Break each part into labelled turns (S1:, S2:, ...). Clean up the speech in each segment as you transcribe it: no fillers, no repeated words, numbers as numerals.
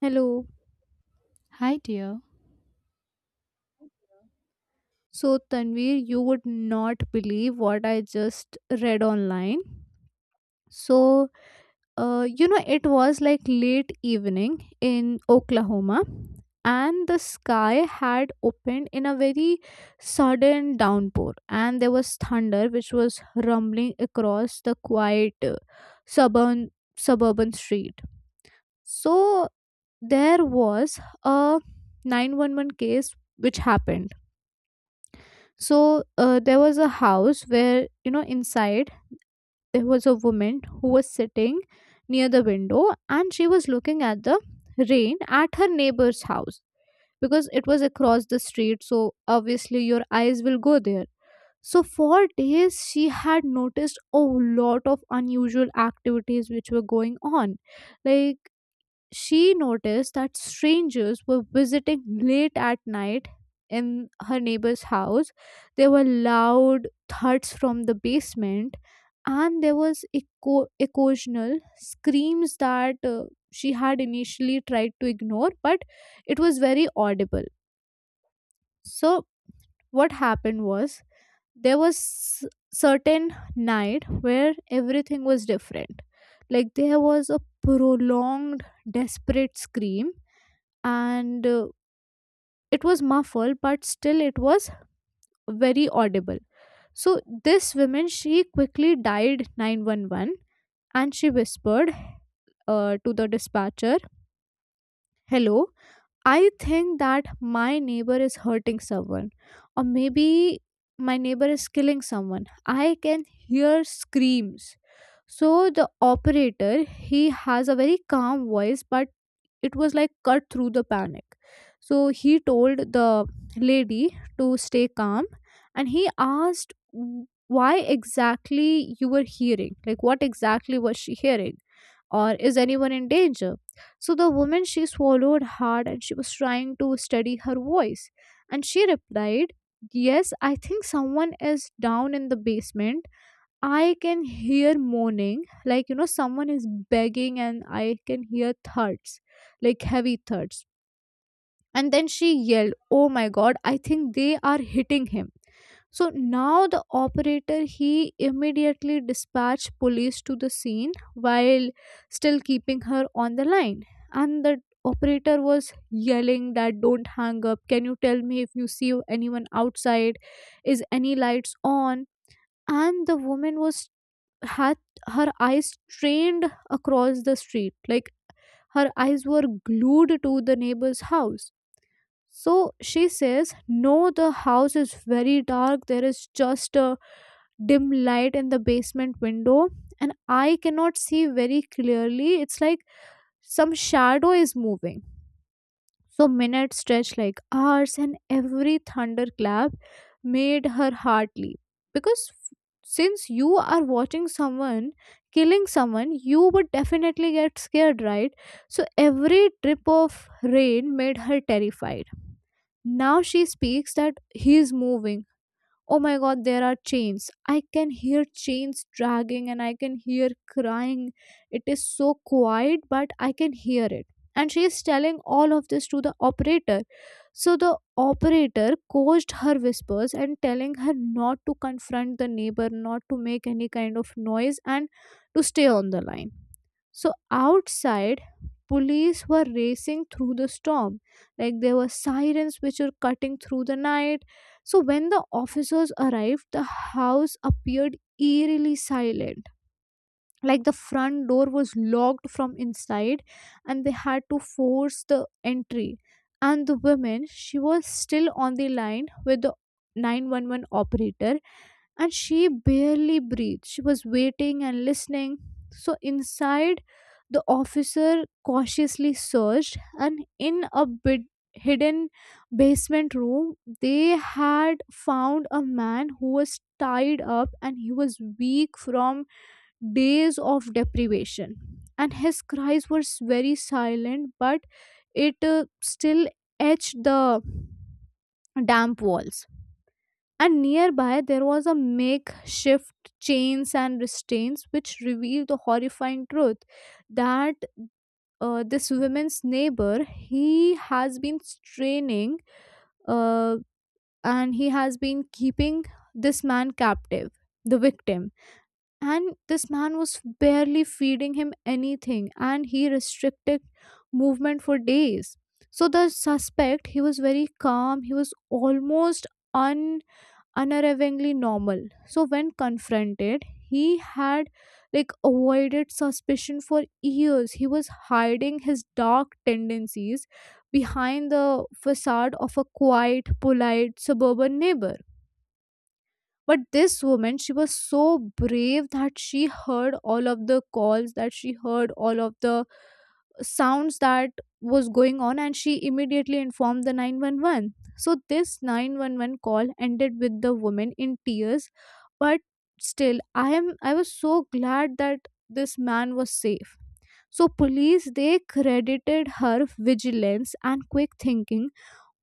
S1: Hello.
S2: Hi, dear.
S1: So, Tanvir, you would not believe what I just read online. So, it was like late evening in Oklahoma, and the sky had opened in a very sudden downpour, and there was thunder which was rumbling across the quiet suburban suburban street. So, there was a 911 case which happened. So there was a house where, you know, inside there was a woman who was sitting near the window and she was looking at the rain at her neighbor's house because it was across the street, so obviously your eyes will go there. So for days she had noticed a lot of unusual activities which were going on. Like, she noticed that strangers were visiting late at night in her neighbor's house. There were loud thuds from the basement, and there was occasional screams that, she had initially tried to ignore, but it was very audible. So, what happened was, there was s- certain night where everything was different. Like, there was a prolonged desperate scream, and it was muffled but still it was very audible. So this woman, she quickly dialed 911 and she whispered, to the dispatcher, hello, I think that my neighbor is hurting someone, or maybe my neighbor is killing someone. I can hear screams. So the operator, he has a very calm voice, but it was like cut through the panic. So he told the lady to stay calm, and he asked, why exactly you were hearing, like, what exactly was she hearing, or is anyone in danger. So the woman, she swallowed hard and she was trying to steady her voice, and she replied, yes, I think someone is down in the basement. I can hear moaning, like, you know, someone is begging, and I can hear thuds, like heavy thuds. And then she yelled, oh my god, I think they are hitting him. So now the operator, he immediately dispatched police to the scene while still keeping her on the line. And the operator was yelling that don't hang up. Can you tell me if you see anyone outside? Is any lights on? And the woman was, had her eyes strained across the street. Like, her eyes were glued to the neighbor's house. So she says, no, the house is very dark. There is just a dim light in the basement window, and I cannot see very clearly. It's like some shadow is moving. So minutes stretched like hours, and every thunderclap made her heart leap. Because since you are watching someone killing someone, you would definitely get scared, right? So every drip of rain made her terrified. Now she speaks that he is moving. Oh my god, there are chains, I can hear chains dragging, and I can hear crying. It is so quiet but I can hear it. And she is telling all of this to the operator. So the operator coached her whispers and telling her not to confront the neighbor, not to make any kind of noise, and to stay on the line. So outside, police were racing through the storm. Like, there were sirens which were cutting through the night. So when the officers arrived, the house appeared eerily silent. Like, the front door was locked from inside and they had to force the entry. And the woman, she was still on the line with the 911 operator, and she barely breathed. She was waiting and listening. So inside, the officer cautiously searched, and in a bit hidden basement room, they had found a man who was tied up and he was weak from days of deprivation. And his cries were very silent, but it, still etched the damp walls. And nearby there was a makeshift chains and restraints which revealed the horrifying truth that, this woman's neighbor, he has been straining, uh, and he has been keeping this man captive, the victim. And this man was barely feeding him anything and he restricted movement for days. So the suspect, he was very calm, he was almost unnervingly normal. So when confronted, he had like avoided suspicion for years. He was hiding his dark tendencies behind the facade of a quiet, polite suburban neighbor. But this woman, she was so brave that she heard all of the calls, that she heard all of the sounds that was going on, and she immediately informed the 911. So this 911 call ended with the woman in tears, but still, I was so glad that this man was safe. So police, they credited her vigilance and quick thinking,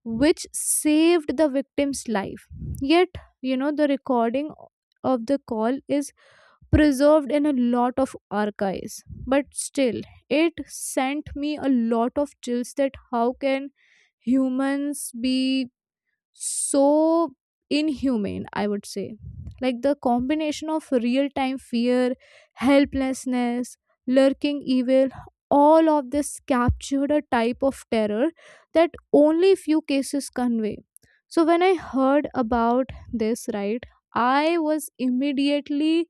S1: which saved the victim's life. Yet, you know, the recording of the call is preserved in a lot of archives. But still, it sent me a lot of chills, that how can humans be so inhumane, I would say. Like, the combination of real time fear, helplessness, lurking evil, all of this captured a type of terror that only few cases convey. So when I heard about this, right, I was immediately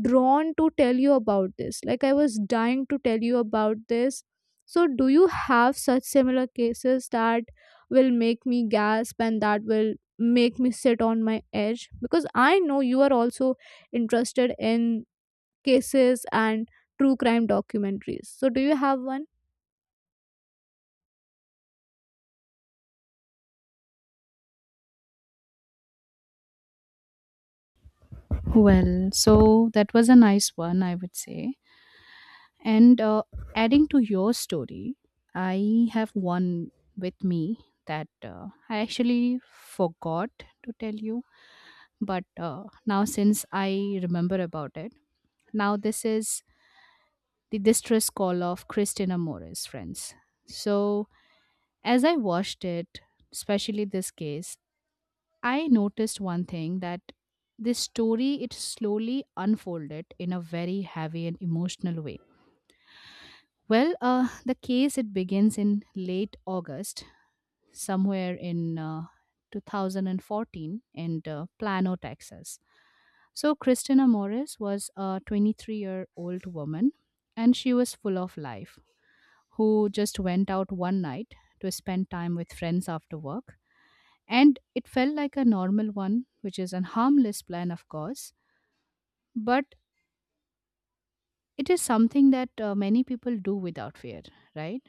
S1: drawn to tell you about this. Like, I was dying to tell you about this. So do you have such similar cases that will make me gasp and that will make me sit on my edge? Because I know you are also interested in cases and true crime documentaries. So do you have one?
S2: Well, so that was a nice one, I would say. And Adding to your story, I have one with me that I actually forgot to tell you, but now since I remember about it, now this is the distress call of Christina Morris, friends. So as I watched it, especially this case, I noticed one thing that this story it slowly unfolded in a very heavy and emotional way. The case it begins in late August, somewhere in 2014 in Plano, Texas. So Christina Morris was a 23-year-old woman, and she was full of life, who just went out one night to spend time with friends after work, and it felt like a normal one, which is a harmless plan, of course, but it is something that many people do without fear, right?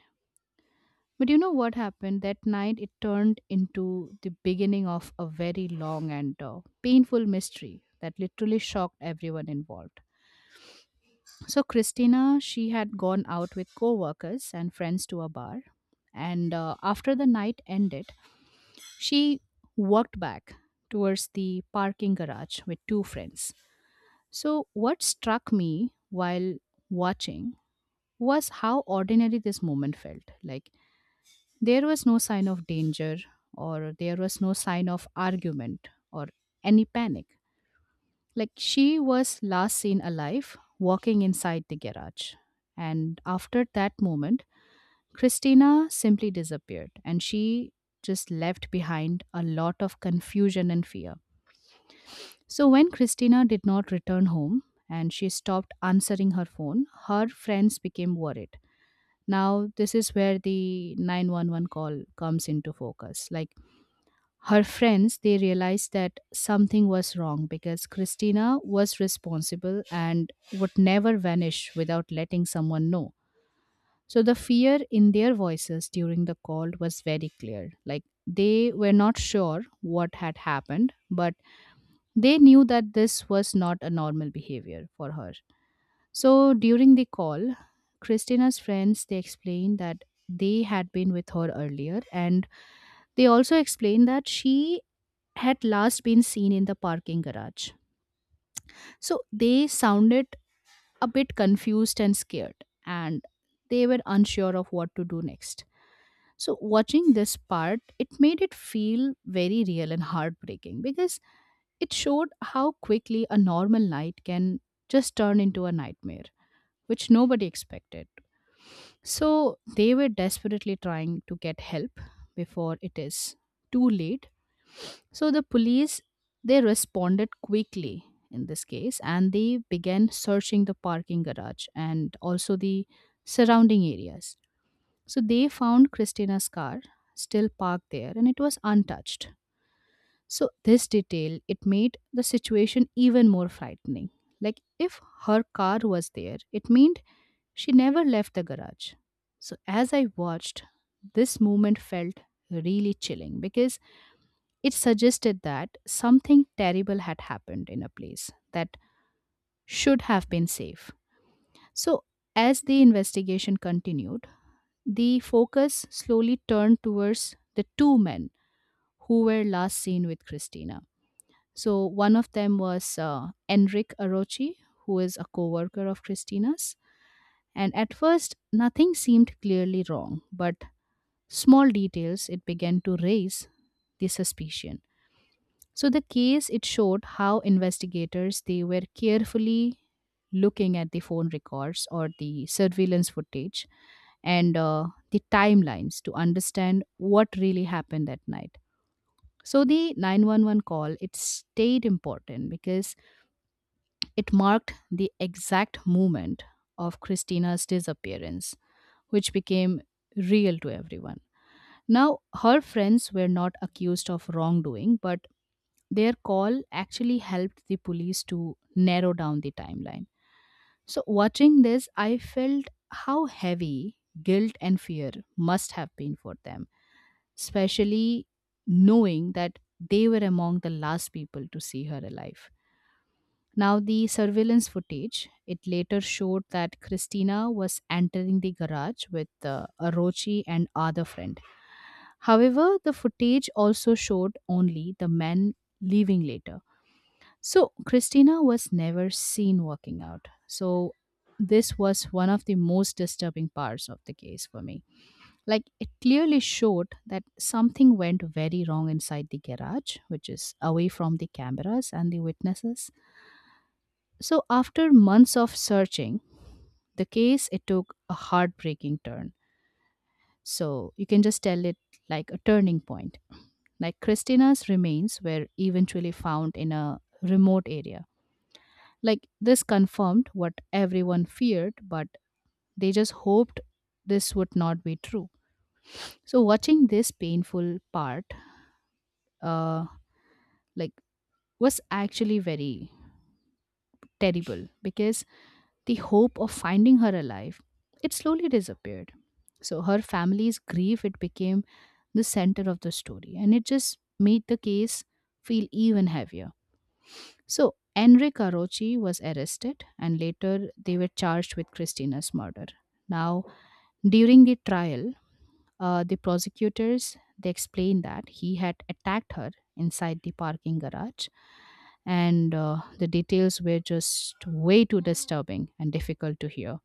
S2: But you know what happened? That night it turned into the beginning of a very long and painful mystery that literally shocked everyone involved. So, Christina, she had gone out with co workers and friends to a bar. And After the night ended, she walked back towards the parking garage with two friends. So, what struck me while watching was how ordinary this moment felt. Like, there was no sign of danger, or there was no sign of argument, or any panic. Like, she was last seen alive walking inside the garage. And after that moment, Christina simply disappeared, and she just left behind a lot of confusion and fear. So when Christina did not return home and she stopped answering her phone, her friends became worried. Now this is where the 911 call comes into focus. Like her friends, they realized that something was wrong because Christina was responsible and would never vanish without letting someone know. So the fear in their voices during the call was very clear. Like they were not sure what had happened, but they knew that this was not a normal behavior for her. So during the call, Christina's friends they explained that they had been with her earlier, and they also explained that she had last been seen in the parking garage. So they sounded a bit confused and scared, and they were unsure of what to do next. So watching this part, it made it feel very real and heartbreaking because it showed how quickly a normal night can just turn into a nightmare, which nobody expected. So they were desperately trying to get help before it is too late. So the police they responded quickly in this case, and they began searching the parking garage and also the surrounding areas. So they found Christina's car still parked there, and it was untouched. So, this detail, it made the situation even more frightening. Like, if her car was there, it meant she never left the garage. So, as I watched, this moment felt really chilling because it suggested that something terrible had happened in a place that should have been safe. So, as the investigation continued, the focus slowly turned towards the two men who were last seen with Christina. So one of them was Enric Arochi, who is a co-worker of Christina's. And at first, nothing seemed clearly wrong, but small details it began to raise the suspicion. So the case it showed how investigators they were carefully looking at the phone records or the surveillance footage and the timelines to understand what really happened that night. So the 911 call it stayed important because it marked the exact moment of Christina's disappearance, which became real to everyone. Now, her friends were not accused of wrongdoing, but their call actually helped the police to narrow down the timeline. So, watching this, I felt how heavy guilt and fear must have been for them, especially knowing that they were among the last people to see her alive. Now, the surveillance footage it later showed that Christina was entering the garage with Arochi and other friend. However, the footage also showed only the men leaving later. So Christina was never seen walking out. So this was one of the most disturbing parts of the case for me. Like it clearly showed that something went very wrong inside the garage, which is away from the cameras and the witnesses. So, after months of searching, the case it took a heartbreaking turn. So, you can just tell it like a turning point. Like Christina's remains were eventually found in a remote area. Like this confirmed what everyone feared, but they just hoped this would not be true. So, watching this painful part, uh, like was actually very terrible because the hope of finding her alive it slowly disappeared. So her family's grief it became the center of the story, and it just made the case feel even heavier. So Enrique Arochi was arrested, and later they were charged with Christina's murder. Now during the trial, the prosecutors they explained that he had attacked her inside the parking garage, and the details were just way too disturbing and difficult to hear.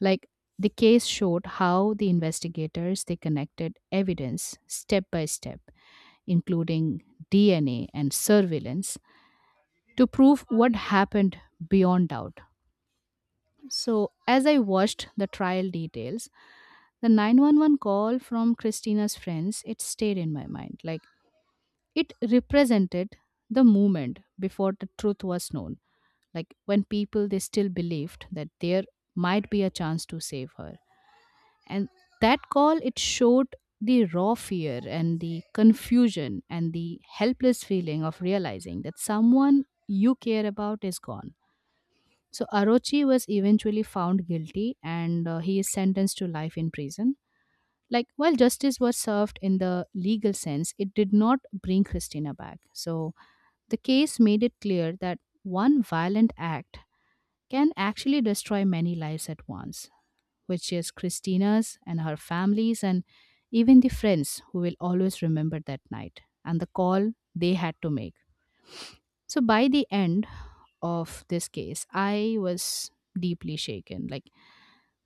S2: Like the case showed how the investigators they connected evidence step by step, including DNA and surveillance, to prove what happened beyond doubt. So as I watched the trial details, the 911 call from Christina's friends it stayed in my mind. Like it represented the moment before the truth was known, like when people they still believed that there might be a chance to save her. And that call it showed the raw fear and the confusion and the helpless feeling of realizing that someone you care about is gone. So Arochi was eventually found guilty, and he is sentenced to life in prison. Like while justice was served in the legal sense, it did not bring Christina back. So the case made it clear that one violent act can actually destroy many lives at once, which is Christina's and her family's and even the friends who will always remember that night and the call they had to make. So by the end of this case, I was deeply shaken. Like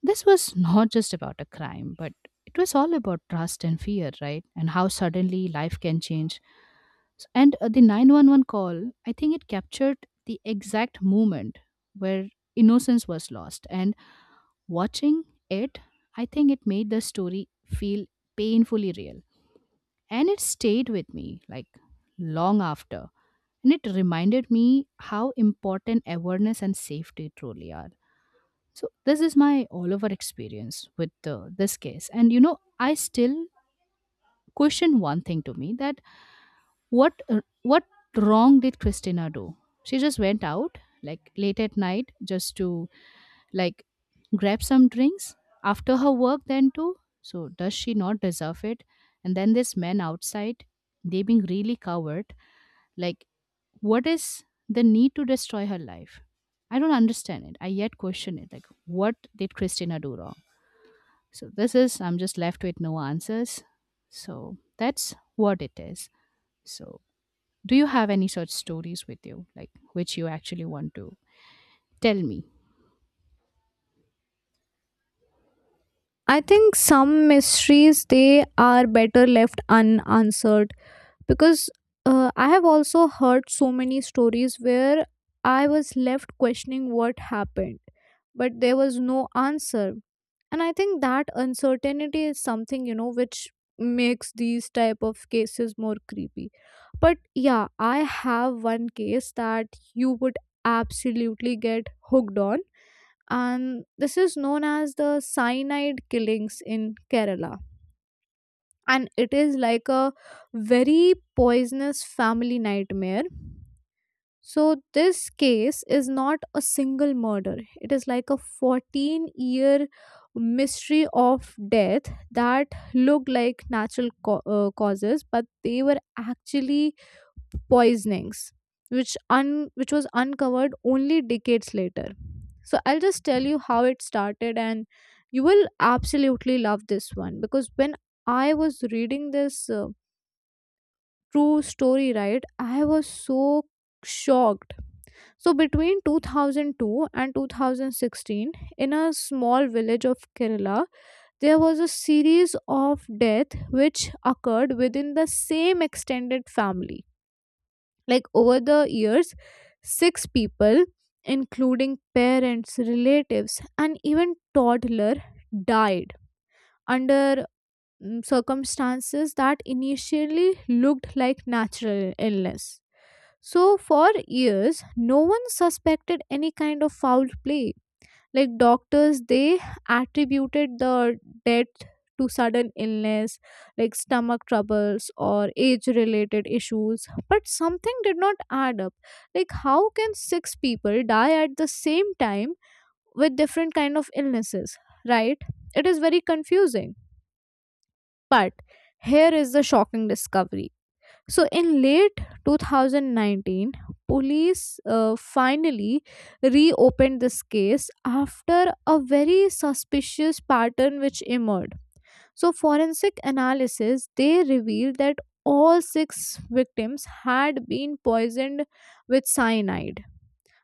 S2: this was not just about a crime, but it was all about trust and fear, right? And how suddenly life can change. S- And The 911 call, I think it captured the exact moment where innocence was lost. And watching it, I think it made the story feel painfully real. And it stayed with me like long after. And it reminded me how important awareness and safety truly are. So, this is my all over experience with this case. And you know, I still question one thing to me that what wrong did Christina do? She just went out like late at night just to like grab some drinks after her work then too. So does she not deserve it? And then this man outside, they being really coward. Like what is the need to destroy her life? I don't understand it. I yet question it. Like what did Christina do wrong? So this is, I'm just left with no answers. So that's what it is. So do you have any such stories with you, like which you actually want to tell me?
S1: I think some mysteries, they are better left unanswered. Because, I have also heard so many stories where I was left questioning what happened, but there was no answer. And I think that uncertainty is something, you know, which makes these type of cases more creepy. But yeah, I have one case that you would absolutely get hooked on, and this is known as the cyanide killings in Kerala, and it is like a very poisonous family nightmare. So, this case is not a single murder, it is like a 14-year mystery of death that look like natural causes, but they were actually poisonings. Which was uncovered only decades later. So I'll just tell you how it started, and you will absolutely love this one because when I was reading this, true story, right? I was so shocked. So between 2002 and 2016, in a small village of Kerala, there was a series of death which occurred within the same extended family. Like, over the years, six people, including parents, relatives, and even toddler, died under, circumstances that initially looked like natural illness. So, for years, no one suspected any kind of foul play. Like, doctors, they attributed the death to sudden illness, like stomach troubles or age related issues. But something did not add up. Like, how can six people die at the same time with different kind of illnesses, right? It is very confusing. But here is the shocking discovery. So in late 2019, police, finally reopened this case after a very suspicious pattern which emerged. So forensic analysis, they revealed that all six victims had been poisoned with cyanide,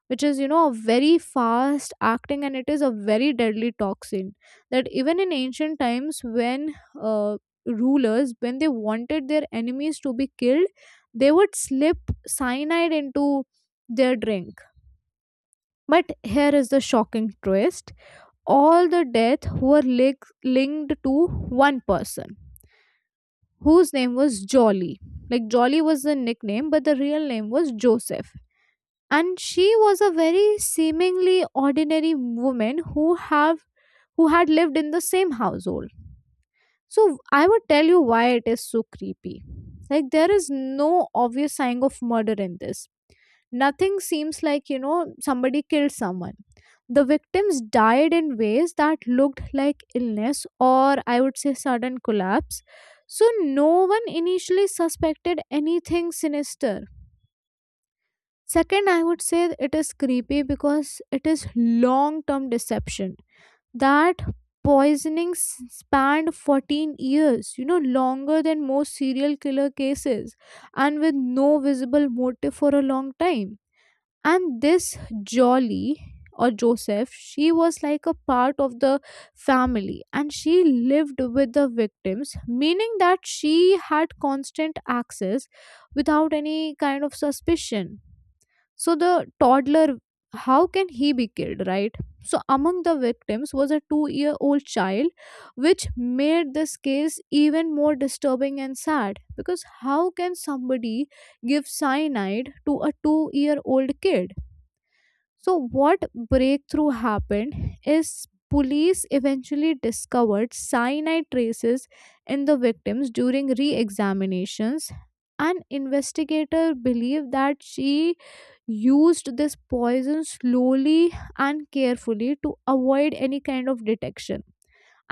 S1: which is, you know, a very fast acting and it is a very deadly toxin, that even in ancient times, when, uh, rulers when they wanted their enemies to be killed, they would slip cyanide into their drink. But here is the shocking twist. All the deaths were linked to one person whose name was Jolly. Like, Jolly was the nickname, but the real name was Joseph. And she was a very seemingly ordinary woman who had lived in the same household. So, I would tell you why it is so creepy. Like, there is no obvious sign of murder in this. Nothing seems like, you know, somebody killed someone. The victims died in ways that looked like illness, or, I would say, sudden collapse. So no one initially suspected anything sinister. Second, I would say it is creepy because it is long term deception. That poisoning spanned 14 years, you know, longer than most serial killer cases, and with no visible motive for a long time. And this Jolly, or Joseph, she was like a part of the family and she lived with the victims, meaning that she had constant access without any kind of suspicion. So the toddler, how can he be killed, right? So among the victims was a 2-year old child, which made this case even more disturbing and sad, because how can somebody give cyanide to a 2-year old kid? So, what breakthrough happened is, police eventually discovered cyanide traces in the victims during re examinations. And investigator believe that she used this poison slowly and carefully to avoid any kind of detection.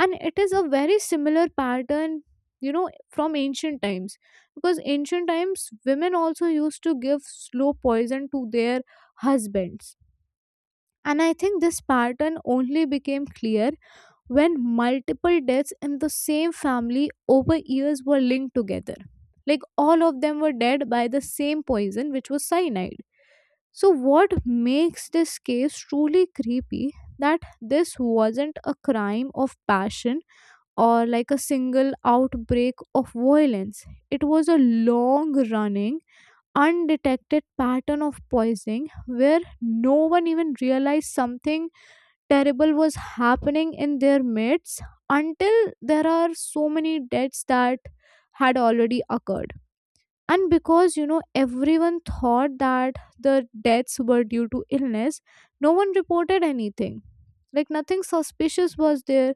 S1: And it is a very similar pattern, you know, from ancient times. Because ancient times, women also used to give slow poison to their husbands. And I think this pattern only became clear when multiple deaths in the same family over years were linked together. Like, all of them were dead by the same poison, which was cyanide. So, what makes this case truly creepy, that this wasn't a crime of passion or like a single outbreak of violence. It was a long running, undetected pattern of poisoning where no one even realized something terrible was happening in their midst until there are so many deaths that had already occurred. And because, you know, everyone thought that the deaths were due to illness, no one reported anything. Like, nothing suspicious was there.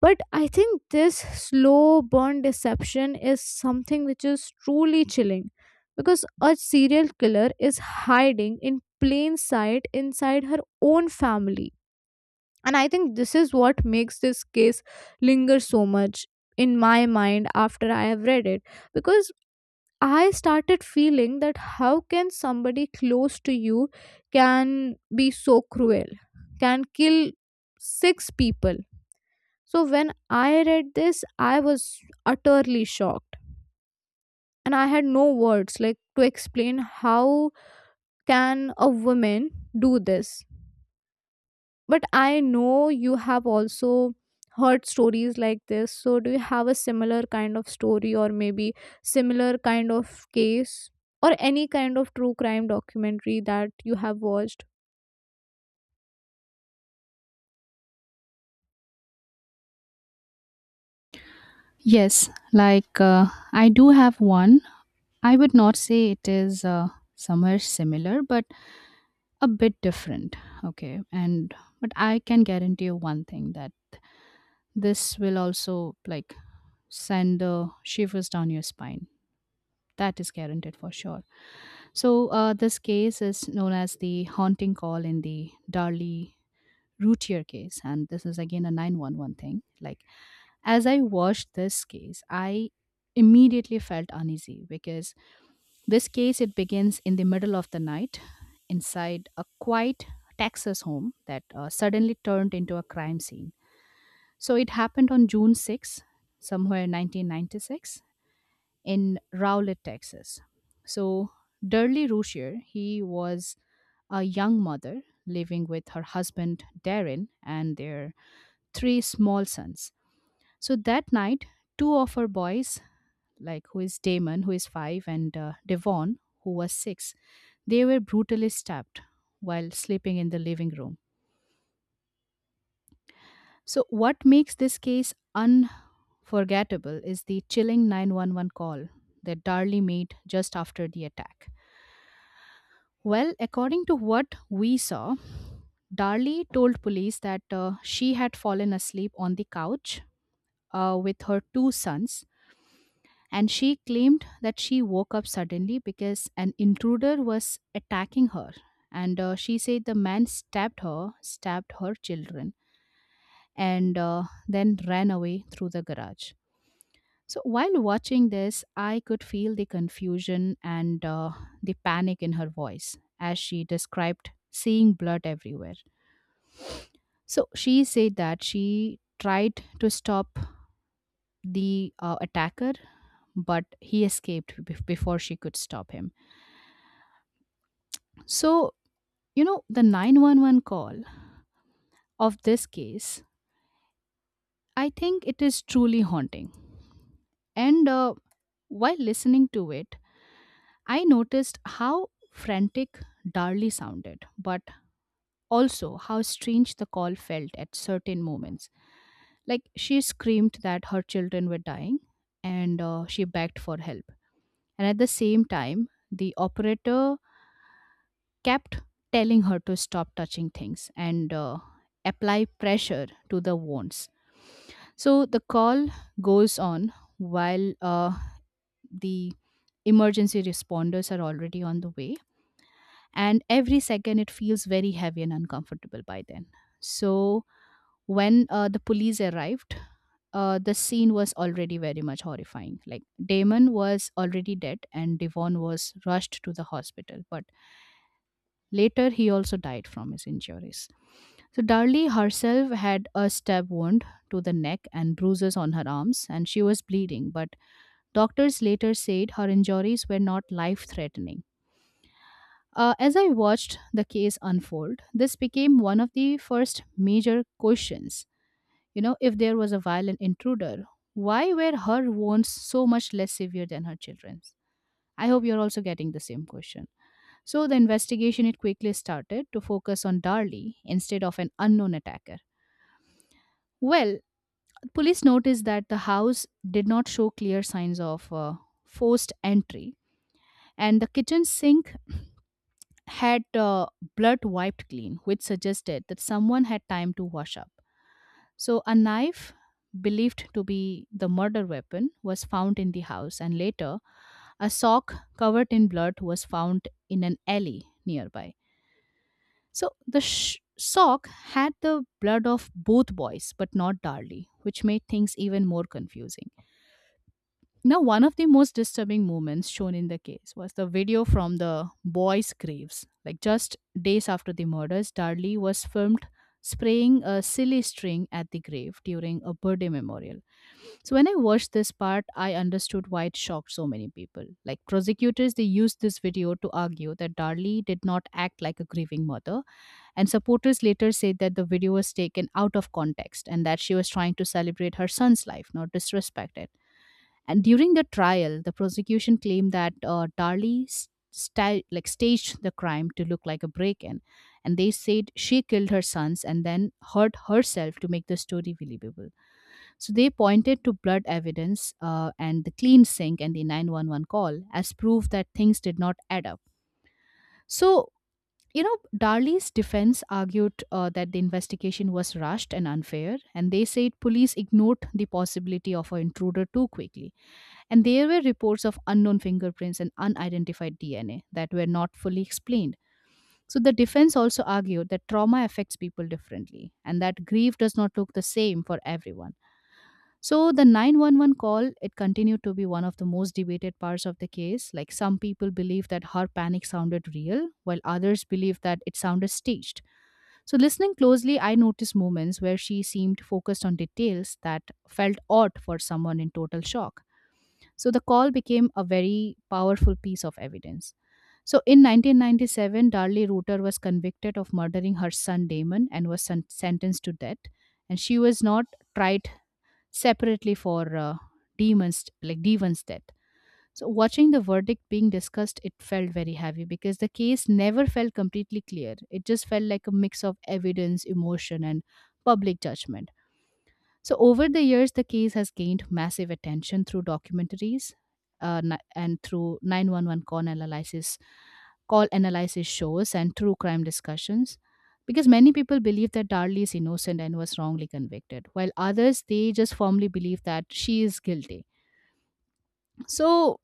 S1: But I think this slow burn deception is something which is truly chilling, because a serial killer is hiding in plain sight inside her own family. And I think this is what makes this case linger so much in my mind after I have read it. Because I started feeling that how can somebody close to you can be so cruel, can kill six people. So when I read this, I was utterly shocked. And I had no words, like, to explain how can a woman do this. But I know you have also heard stories like this. So, do you have a similar kind of story, or maybe similar kind of case, or any kind of true crime documentary that you have watched?
S2: Yes, like I do have one. I would not say it is somewhere similar, but a bit different. Okay, and but I can guarantee you one thing that this will also like send shivers down your spine. That is guaranteed for sure. So this case is known as the haunting call in the Darley Routier case, and this is again a 911 thing. Like, as I watched this case, I immediately felt uneasy because this case it begins in the middle of the night inside a quiet Texas home that suddenly turned into a crime scene. So it happened on June 6, somewhere 1996 in Rowlett, Texas. So Durley Routier, he was a young mother living with her husband Darren and their three small sons. So that night, two of her boys, like who is Damon, who is five, and Devon, who was six, they were brutally stabbed while sleeping in the living room. So, what makes this case unforgettable is the chilling 911 call that Darley made just after the attack. Well, according to what we saw, Darley told police that she had fallen asleep on the couch with her two sons, and she claimed that she woke up suddenly because an intruder was attacking her. And she said the man stabbed her children, and then ran away through the garage. So while watching this, I could feel the confusion and the panic in her voice as she described seeing blood everywhere. So she said that she tried to stop the attacker, but he escaped before she could stop him. So, the 911 call of this case, I think it is truly haunting. And While listening to it, I noticed how frantic Darley sounded, but also how strange the call felt at certain moments. Like she screamed that her children were dying and she begged for help. And at the same time, the operator kept telling her to stop touching things and apply pressure to the wounds. So the call goes on while the emergency responders are already on the way, and every second it feels very heavy and uncomfortable by then. So when the police arrived, the scene was already very much horrifying. Like Damon was already dead, and Devon was rushed to the hospital, but later he also died from his injuries. So Darlie herself had a stab wound to the neck and bruises on her arms, and she was bleeding. But doctors later said her injuries were not life threatening. As I watched the case unfold, this became one of the first major questions. You know, if there was a violent intruder, why were her wounds so much less severe than her children's? I hope you're also getting the same question. So the investigation it quickly started to focus on Darlie instead of an unknown attacker. Well, police noticed that the house did not show clear signs of forced entry, and the kitchen sink had blood wiped clean, which suggested that someone had time to wash up. So, a knife believed to be the murder weapon was found in the house, and later, a sock covered in blood was found in an alley nearby. So, the sock had the blood of both boys, but not Darley, which made things even more confusing. Now, one of the most disturbing moments shown in the case was the video from the boys' graves. Like just days after the murders, Darley was filmed spraying a silly string at the grave during a birthday memorial. So when I watched this part, I understood why it shocked so many people. Like prosecutors, they used this video to argue that Darley did not act like a grieving mother, and supporters later said that the video was taken out of context and that she was trying to celebrate her son's life, not disrespect it. And during the trial, the prosecution claimed that like staged the crime to look like a break-in, and they said she killed her sons and then hurt herself to make the story believable. So they pointed to blood evidence and the clean sink and the 911 call as proof that things did not add up. So Darley's defense argued that the investigation was rushed and unfair, and they said police ignored the possibility of an intruder too quickly. And there were reports of unknown fingerprints and unidentified DNA that were not fully explained. So the defense also argued that trauma affects people differently and that grief does not look the same for everyone. So the 911 call it continued to be one of the most debated parts of the case. Like some people believe that her panic sounded real while others believe that it sounded staged. So, listening closely, I noticed moments where she seemed focused on details that felt odd for someone in total shock. So the call became a very powerful piece of evidence. So in 1997, Darley Rooter was convicted of murdering her son Damon and was sentenced to death. And she was not tried separately for Damon's like Devon's death. So watching the verdict being discussed, it felt very heavy because the case never felt completely clear. It just felt like a mix of evidence, emotion, and public judgment. So, over the years, the case has gained massive attention through documentaries and through 911 call analysis shows and true crime discussions because many people believe that Darlie is innocent and was wrongly convicted, while others they just firmly believe that she is guilty. So,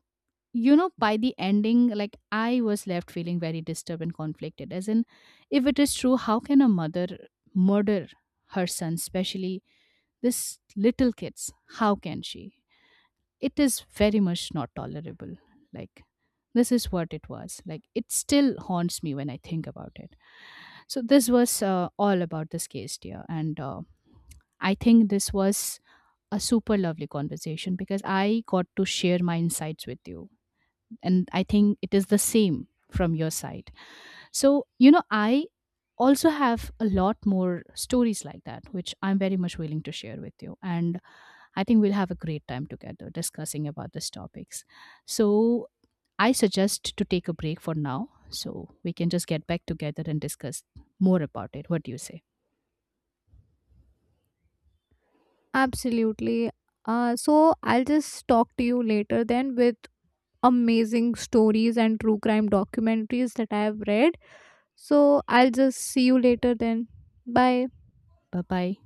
S2: by the ending, like I was left feeling very disturbed and conflicted. As in, if it is true, how can a mother murder her son, especially this little kids? How can she? It is very much not tolerable. Like this is what it was. Like it still haunts me when I think about it. So this was all about this case, dear, and I think this was a super lovely conversation because I got to share my insights with you, and I think it is the same from your side. So you know, I also have a lot more stories like that which I'm very much willing to share with you, and I think we'll have a great time together discussing about these topics. So I suggest to take a break for now, so we can just get back together and discuss more about it. What do you say?
S1: Absolutely. So, I'll just talk to you later then with amazing stories and true crime documentaries that I have read. So, I'll just see you later then. Bye.
S2: Bye bye.